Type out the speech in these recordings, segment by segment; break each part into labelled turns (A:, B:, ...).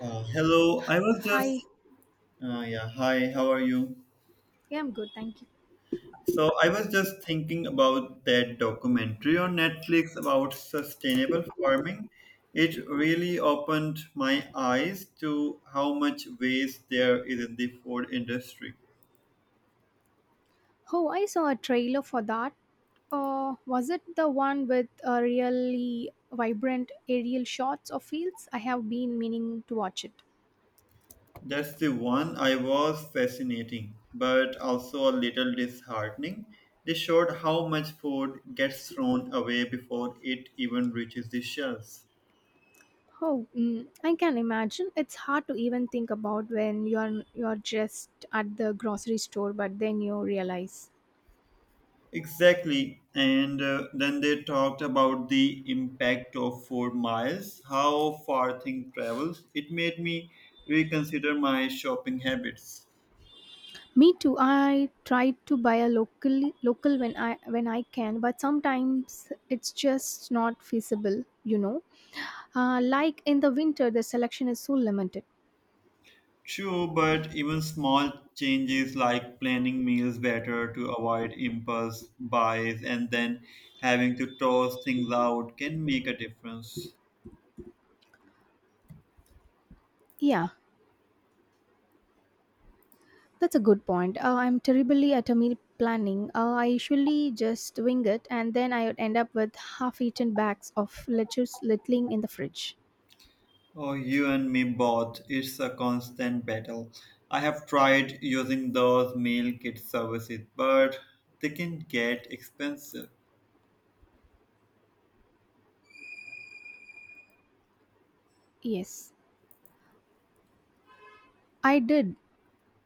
A: Hello, I was
B: Hi,
A: just, yeah, hi, how are you?
B: yeah, I'm good, thank you.
A: So, I was just thinking about that documentary on Netflix about sustainable farming. It really opened my eyes to how much waste there is in the food industry.
B: Oh, I saw a trailer for that. Was it the one with really vibrant aerial shots of fields? I have been meaning to watch it.
A: That's the one I was fascinating, but also a little disheartening. They showed how much food gets thrown away before it even reaches the shelves.
B: Oh, mm, I can imagine. It's hard to even think about when you're just at the grocery store, but then you realize.
A: Exactly. And then they talked about the impact of 4 miles, how far thing travels. It made me reconsider my shopping habits.
B: Me too. I try to buy a local when I can, but sometimes it's just not feasible. Like in the winter, the selection is so limited.
A: True, but even small changes like planning meals better to avoid impulse buys and then having to toss things out can make a difference.
B: Yeah, that's a good point. I'm terribly at a meal planning. I usually just wing it and then I would end up with half eaten bags of lettuce littling in the fridge.
A: Oh, you and me both. It's a constant battle. I have tried using those meal kit services, but they can get expensive.
B: Yes, I did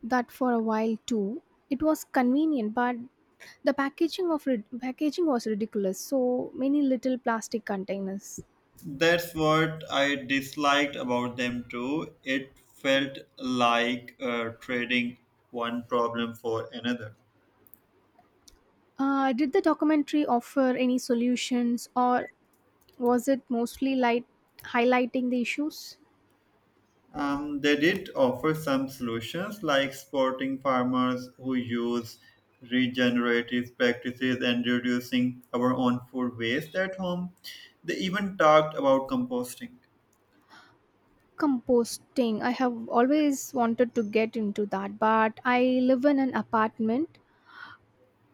B: that for a while too. It was convenient, but the packaging of packaging was ridiculous. So many little plastic containers.
A: That's what I disliked about them too. It felt like trading one problem for another.
B: Did the documentary offer any solutions, or was it mostly light highlighting the issues?
A: They did offer some solutions like supporting farmers who use regenerative practices and reducing our own food waste at home. They even talked about composting.
B: Composting, I have always wanted to get into that, but I live in an apartment.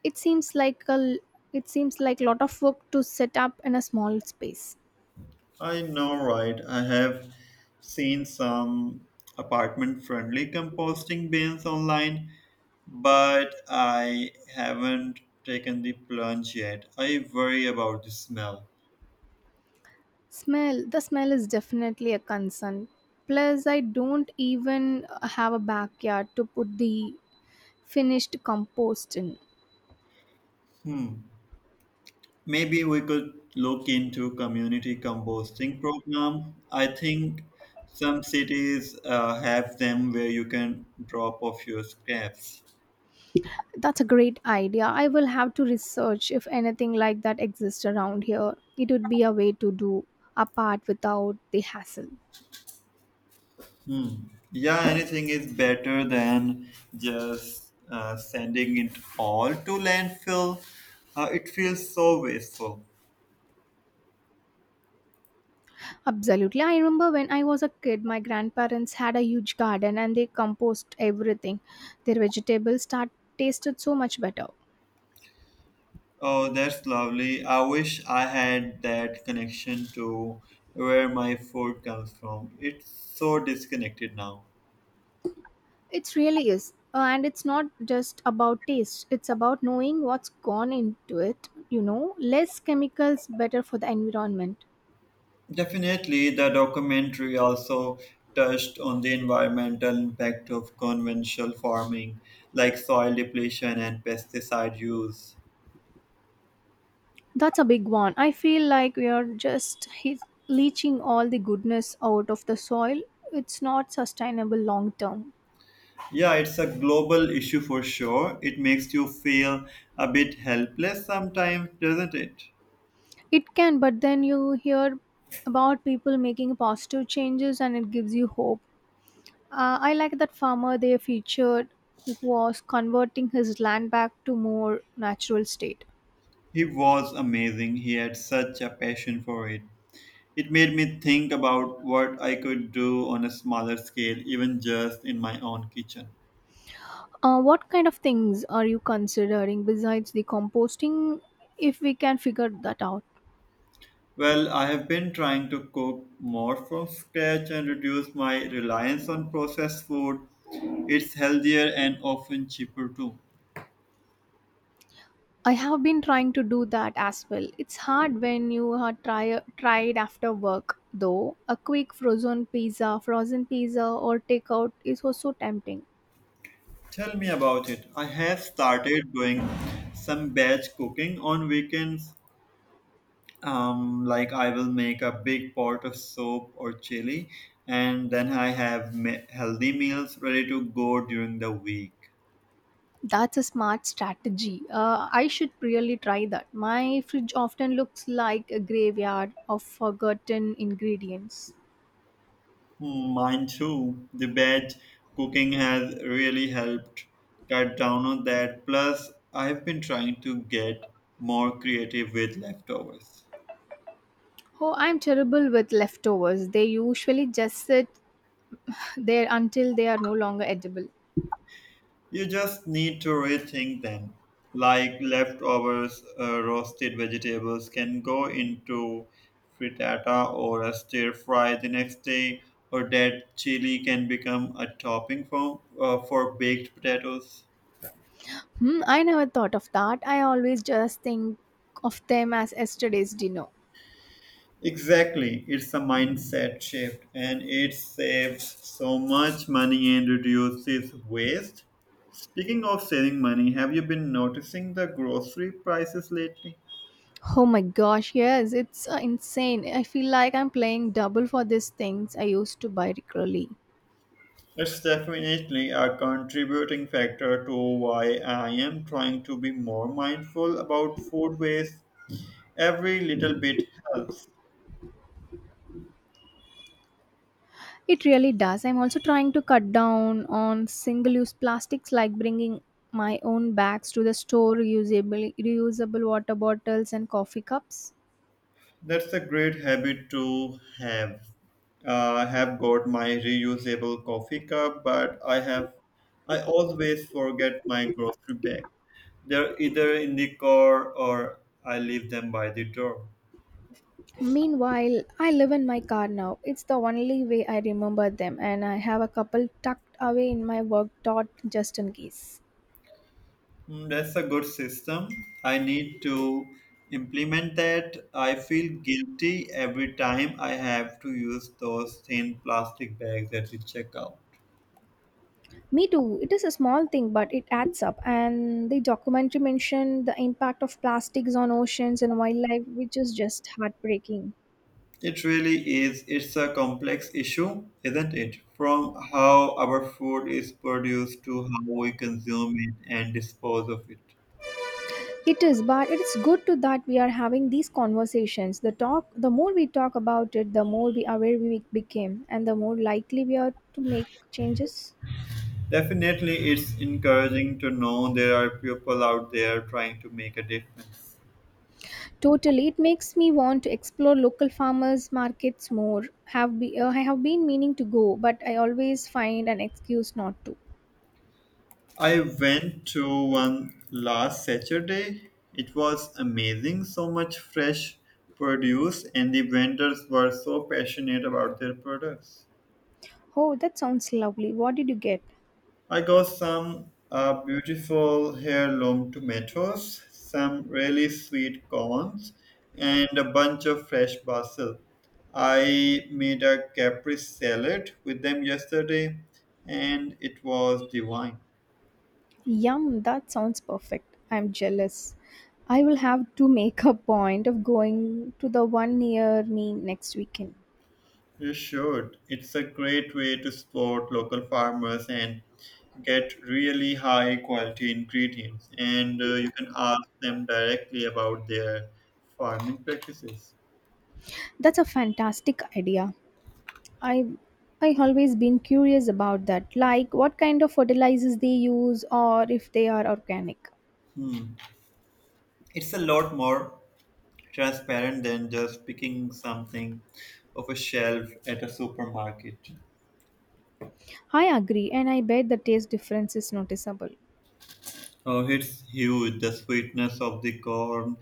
B: it seems like a l- it seems like lot of work to set up in a small space.
A: I know, right? I have seen some apartment friendly composting bins online, but I haven't taken the plunge yet. I worry about the smell.
B: Smell The smell is definitely a concern. Plus I don't even have a backyard to put the finished compost in.
A: Hmm. Maybe we could look into community composting program. I think some cities have them where you can drop off your scraps.
B: That's a great idea. I will have to research if anything like that exists around here. It would be a way to do apart without the hassle.
A: Hmm. Yeah, anything is better than just sending it all to landfill. It feels so wasteful.
B: Absolutely. I remember when I was a kid, my grandparents had a huge garden and they compost everything. Their vegetables start tasted so much better.
A: Oh, that's lovely. I wish I had that connection to where my food comes from. It's so disconnected now.
B: It really is. And it's not just about taste, it's about knowing what's gone into it, you know, less chemicals better for the environment.
A: Definitely, the documentary also touched on the environmental impact of conventional farming, like soil depletion and pesticide use.
B: That's a big one. I feel like we are just leaching all the goodness out of the soil. It's not sustainable long term.
A: Yeah, it's a global issue for sure. It makes you feel a bit helpless sometimes, doesn't it?
B: It can, but then you hear about people making positive changes and it gives you hope. I like that farmer they featured who was converting his land back to more natural state.
A: He was amazing. He had such a passion for it. It made me think about what I could do on a smaller scale, even just in my own kitchen.
B: What kind of things are you considering besides the composting if we can figure that out?
A: Well, I have been trying to cook more from scratch and reduce my reliance on processed food. It's healthier and often cheaper too.
B: I have been trying to do that as well. It's hard when you are tried after work though. A quick frozen pizza or takeout is also tempting.
A: Tell me about it. I have started doing some batch cooking on weekends. Like I will make a big pot of soup or chili, and then I have healthy meals ready to go during the week.
B: That's a smart strategy. I should really try that. My fridge often looks like a graveyard of forgotten ingredients.
A: Mine too. The veg cooking has really helped cut down on that. Plus, I've been trying to get more creative with leftovers.
B: Oh, I'm terrible with leftovers. They usually just sit there until they are no longer edible.
A: You just need to rethink them. Like leftovers, roasted vegetables can go into frittata or a stir fry the next day, or that chili can become a topping for baked potatoes.
B: Hmm, I never thought of that. I always just think of them as yesterday's dinner.
A: Exactly. It's a mindset shift and it saves so much money and reduces waste. Speaking of saving money, have you been noticing the grocery prices lately?
B: Oh my gosh, yes, it's insane. I feel like I'm playing double for these things I used to buy regularly.
A: It's definitely a contributing factor to why I am trying to be more mindful about food waste. Every little bit helps.
B: It really does. I'm also trying to cut down on single use plastics like bringing my own bags to the store, reusable water bottles, and coffee cups.
A: That's a great habit to have. I have got my reusable coffee cup, but I always forget my grocery bag. They're either in the car or I leave them by the door.
B: Meanwhile, I live in my car now. It's the only way I remember them, and I have a couple tucked away in my work dot just in case.
A: Mm, that's a good system. I need to implement that. I feel guilty every time I have to use those thin plastic bags at the checkout.
B: Me too. It is a small thing, but it adds up. And the documentary mentioned the impact of plastics on oceans and wildlife, which is just heartbreaking.
A: It really is. It's a complex issue, isn't it? From how our food is produced to how we consume it and dispose of it.
B: It is, but it is good to that we are having these conversations. The talk, the more we talk about it, the more we aware we became, and the more likely we are to make changes.
A: Definitely, it's encouraging to know there are people out there trying to make a difference.
B: Totally, it makes me want to explore local farmers markets more. I have been meaning to go, but I always find an excuse not to.
A: I went to one last Saturday. It was amazing, so much fresh produce, and the vendors were so passionate about their products.
B: Oh, that sounds lovely. What did you get?
A: I got some beautiful heirloom tomatoes, some really sweet corns, and a bunch of fresh basil. I made a Capri salad with them yesterday, and it was divine.
B: Yum, that sounds perfect. I'm jealous. I will have to make a point of going to the one near me next weekend.
A: You should. It's a great way to support local farmers and get really high quality ingredients. And you can ask them directly about their farming practices.
B: That's a fantastic idea. I I always been curious about that. Like what kind of fertilizers they use or if they are organic.
A: Hmm. It's a lot more transparent than just picking something off a shelf at a supermarket.
B: I agree and I bet the taste difference is noticeable.
A: Oh, it's huge. The sweetness of the corn,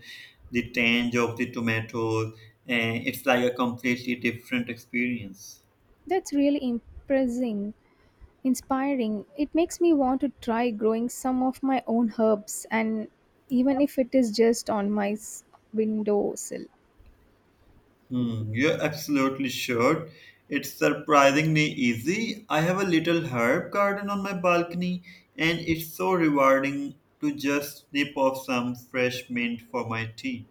A: the tange of the tomatoes, and it's like a completely different experience.
B: That's really inspiring. It makes me want to try growing some of my own herbs and even if it is just on windowsill.
A: Hmm, you're absolutely sure. It's surprisingly easy. I have a little herb garden on my balcony, and it's so rewarding to just snip off some fresh mint for my tea.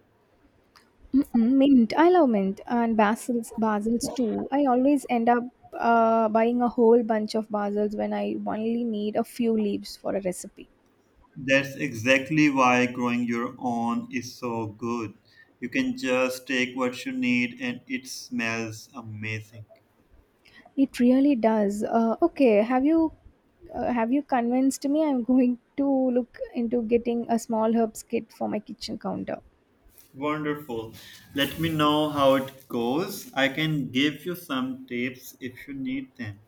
B: Mm-mm, mint. I love mint and basils, basils too. I always end up buying a whole bunch of basils when I only need a few leaves for a recipe.
A: That's exactly why growing your own is so good. You can just take what you need and it smells amazing.
B: It really does. Okay, have you convinced me? I'm going to look into getting a small herbs kit for my kitchen counter.
A: Wonderful. Let me know how it goes. I can give you some tips if you need them.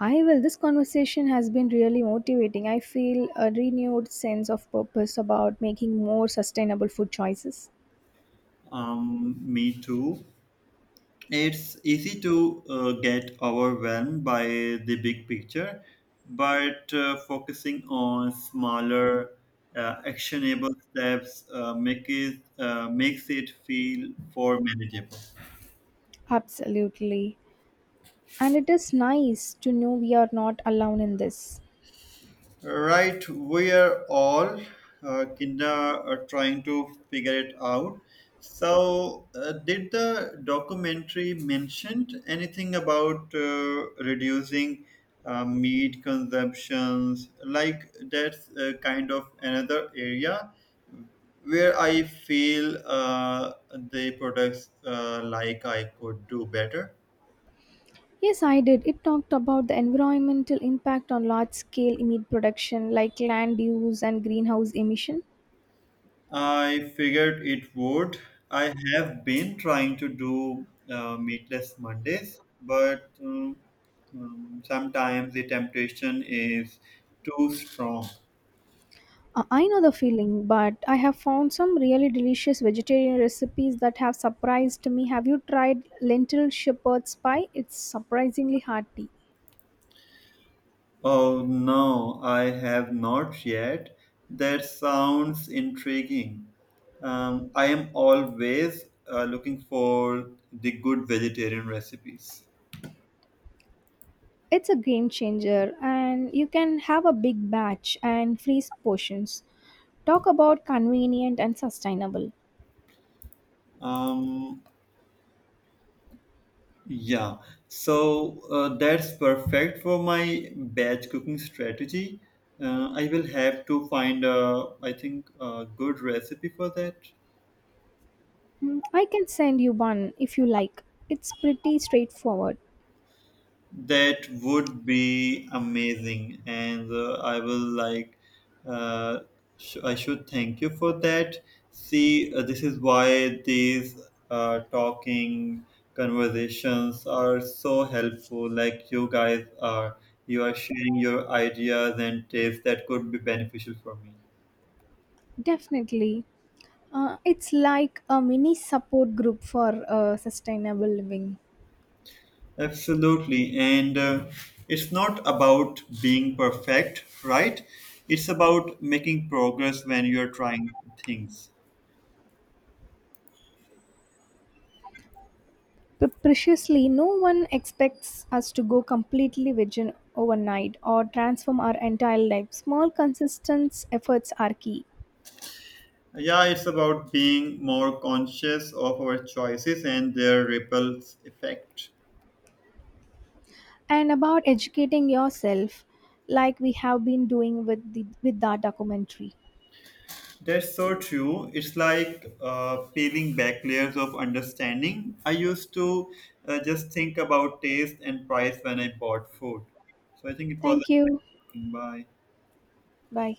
B: I will. This conversation has been really motivating. I feel a renewed sense of purpose about making more sustainable food choices.
A: Me too. It's easy to get overwhelmed by the big picture, but focusing on smaller, actionable steps makes it feel more manageable.
B: Absolutely. And it is nice to know we are not alone in this.
A: Right, we are all kinda trying to figure it out. So, did the documentary mention anything about reducing meat consumptions? Like that's kind of another area where I feel the products like I could do better.
B: Yes, I did. It talked about the environmental impact on large scale meat production, like land use and greenhouse emission.
A: I figured it would. I have been trying to do meatless Mondays, but sometimes the temptation is too strong.
B: I know the feeling, but I have found some really delicious vegetarian recipes that have surprised me. Have you tried lentil shepherd's pie? It's surprisingly hearty.
A: Oh no, I have not yet. That sounds intriguing. I am always looking for the good vegetarian recipes.
B: It's a game changer, and you can have a big batch and freeze portions. Talk about convenient and sustainable.
A: Um, Yeah, so that's perfect for my batch cooking strategy. I will have to find I think, a good recipe for that.
B: Mm, I can send you one if you like. It's pretty straightforward.
A: That would be amazing, and I will like. Uh, I should thank you for that. See, this is why these talking conversations are so helpful. Like you are sharing your ideas and tips that could be beneficial for me.
B: Definitely. It's like a mini support group for sustainable living.
A: Absolutely, and it's not about being perfect, right? It's about making progress when you're trying things.
B: But preciously, no one expects us to go completely vegan overnight or transform our entire life. Small, consistent efforts are key.
A: Yeah, it's about being more conscious of our choices and their ripples effect.
B: And about educating yourself, like we have been doing with the with that documentary.
A: That's so true. It's like peeling back layers of understanding. I used to just think about taste and price when I bought food. So I think it was
B: Thank you.
A: a bye.
B: Bye.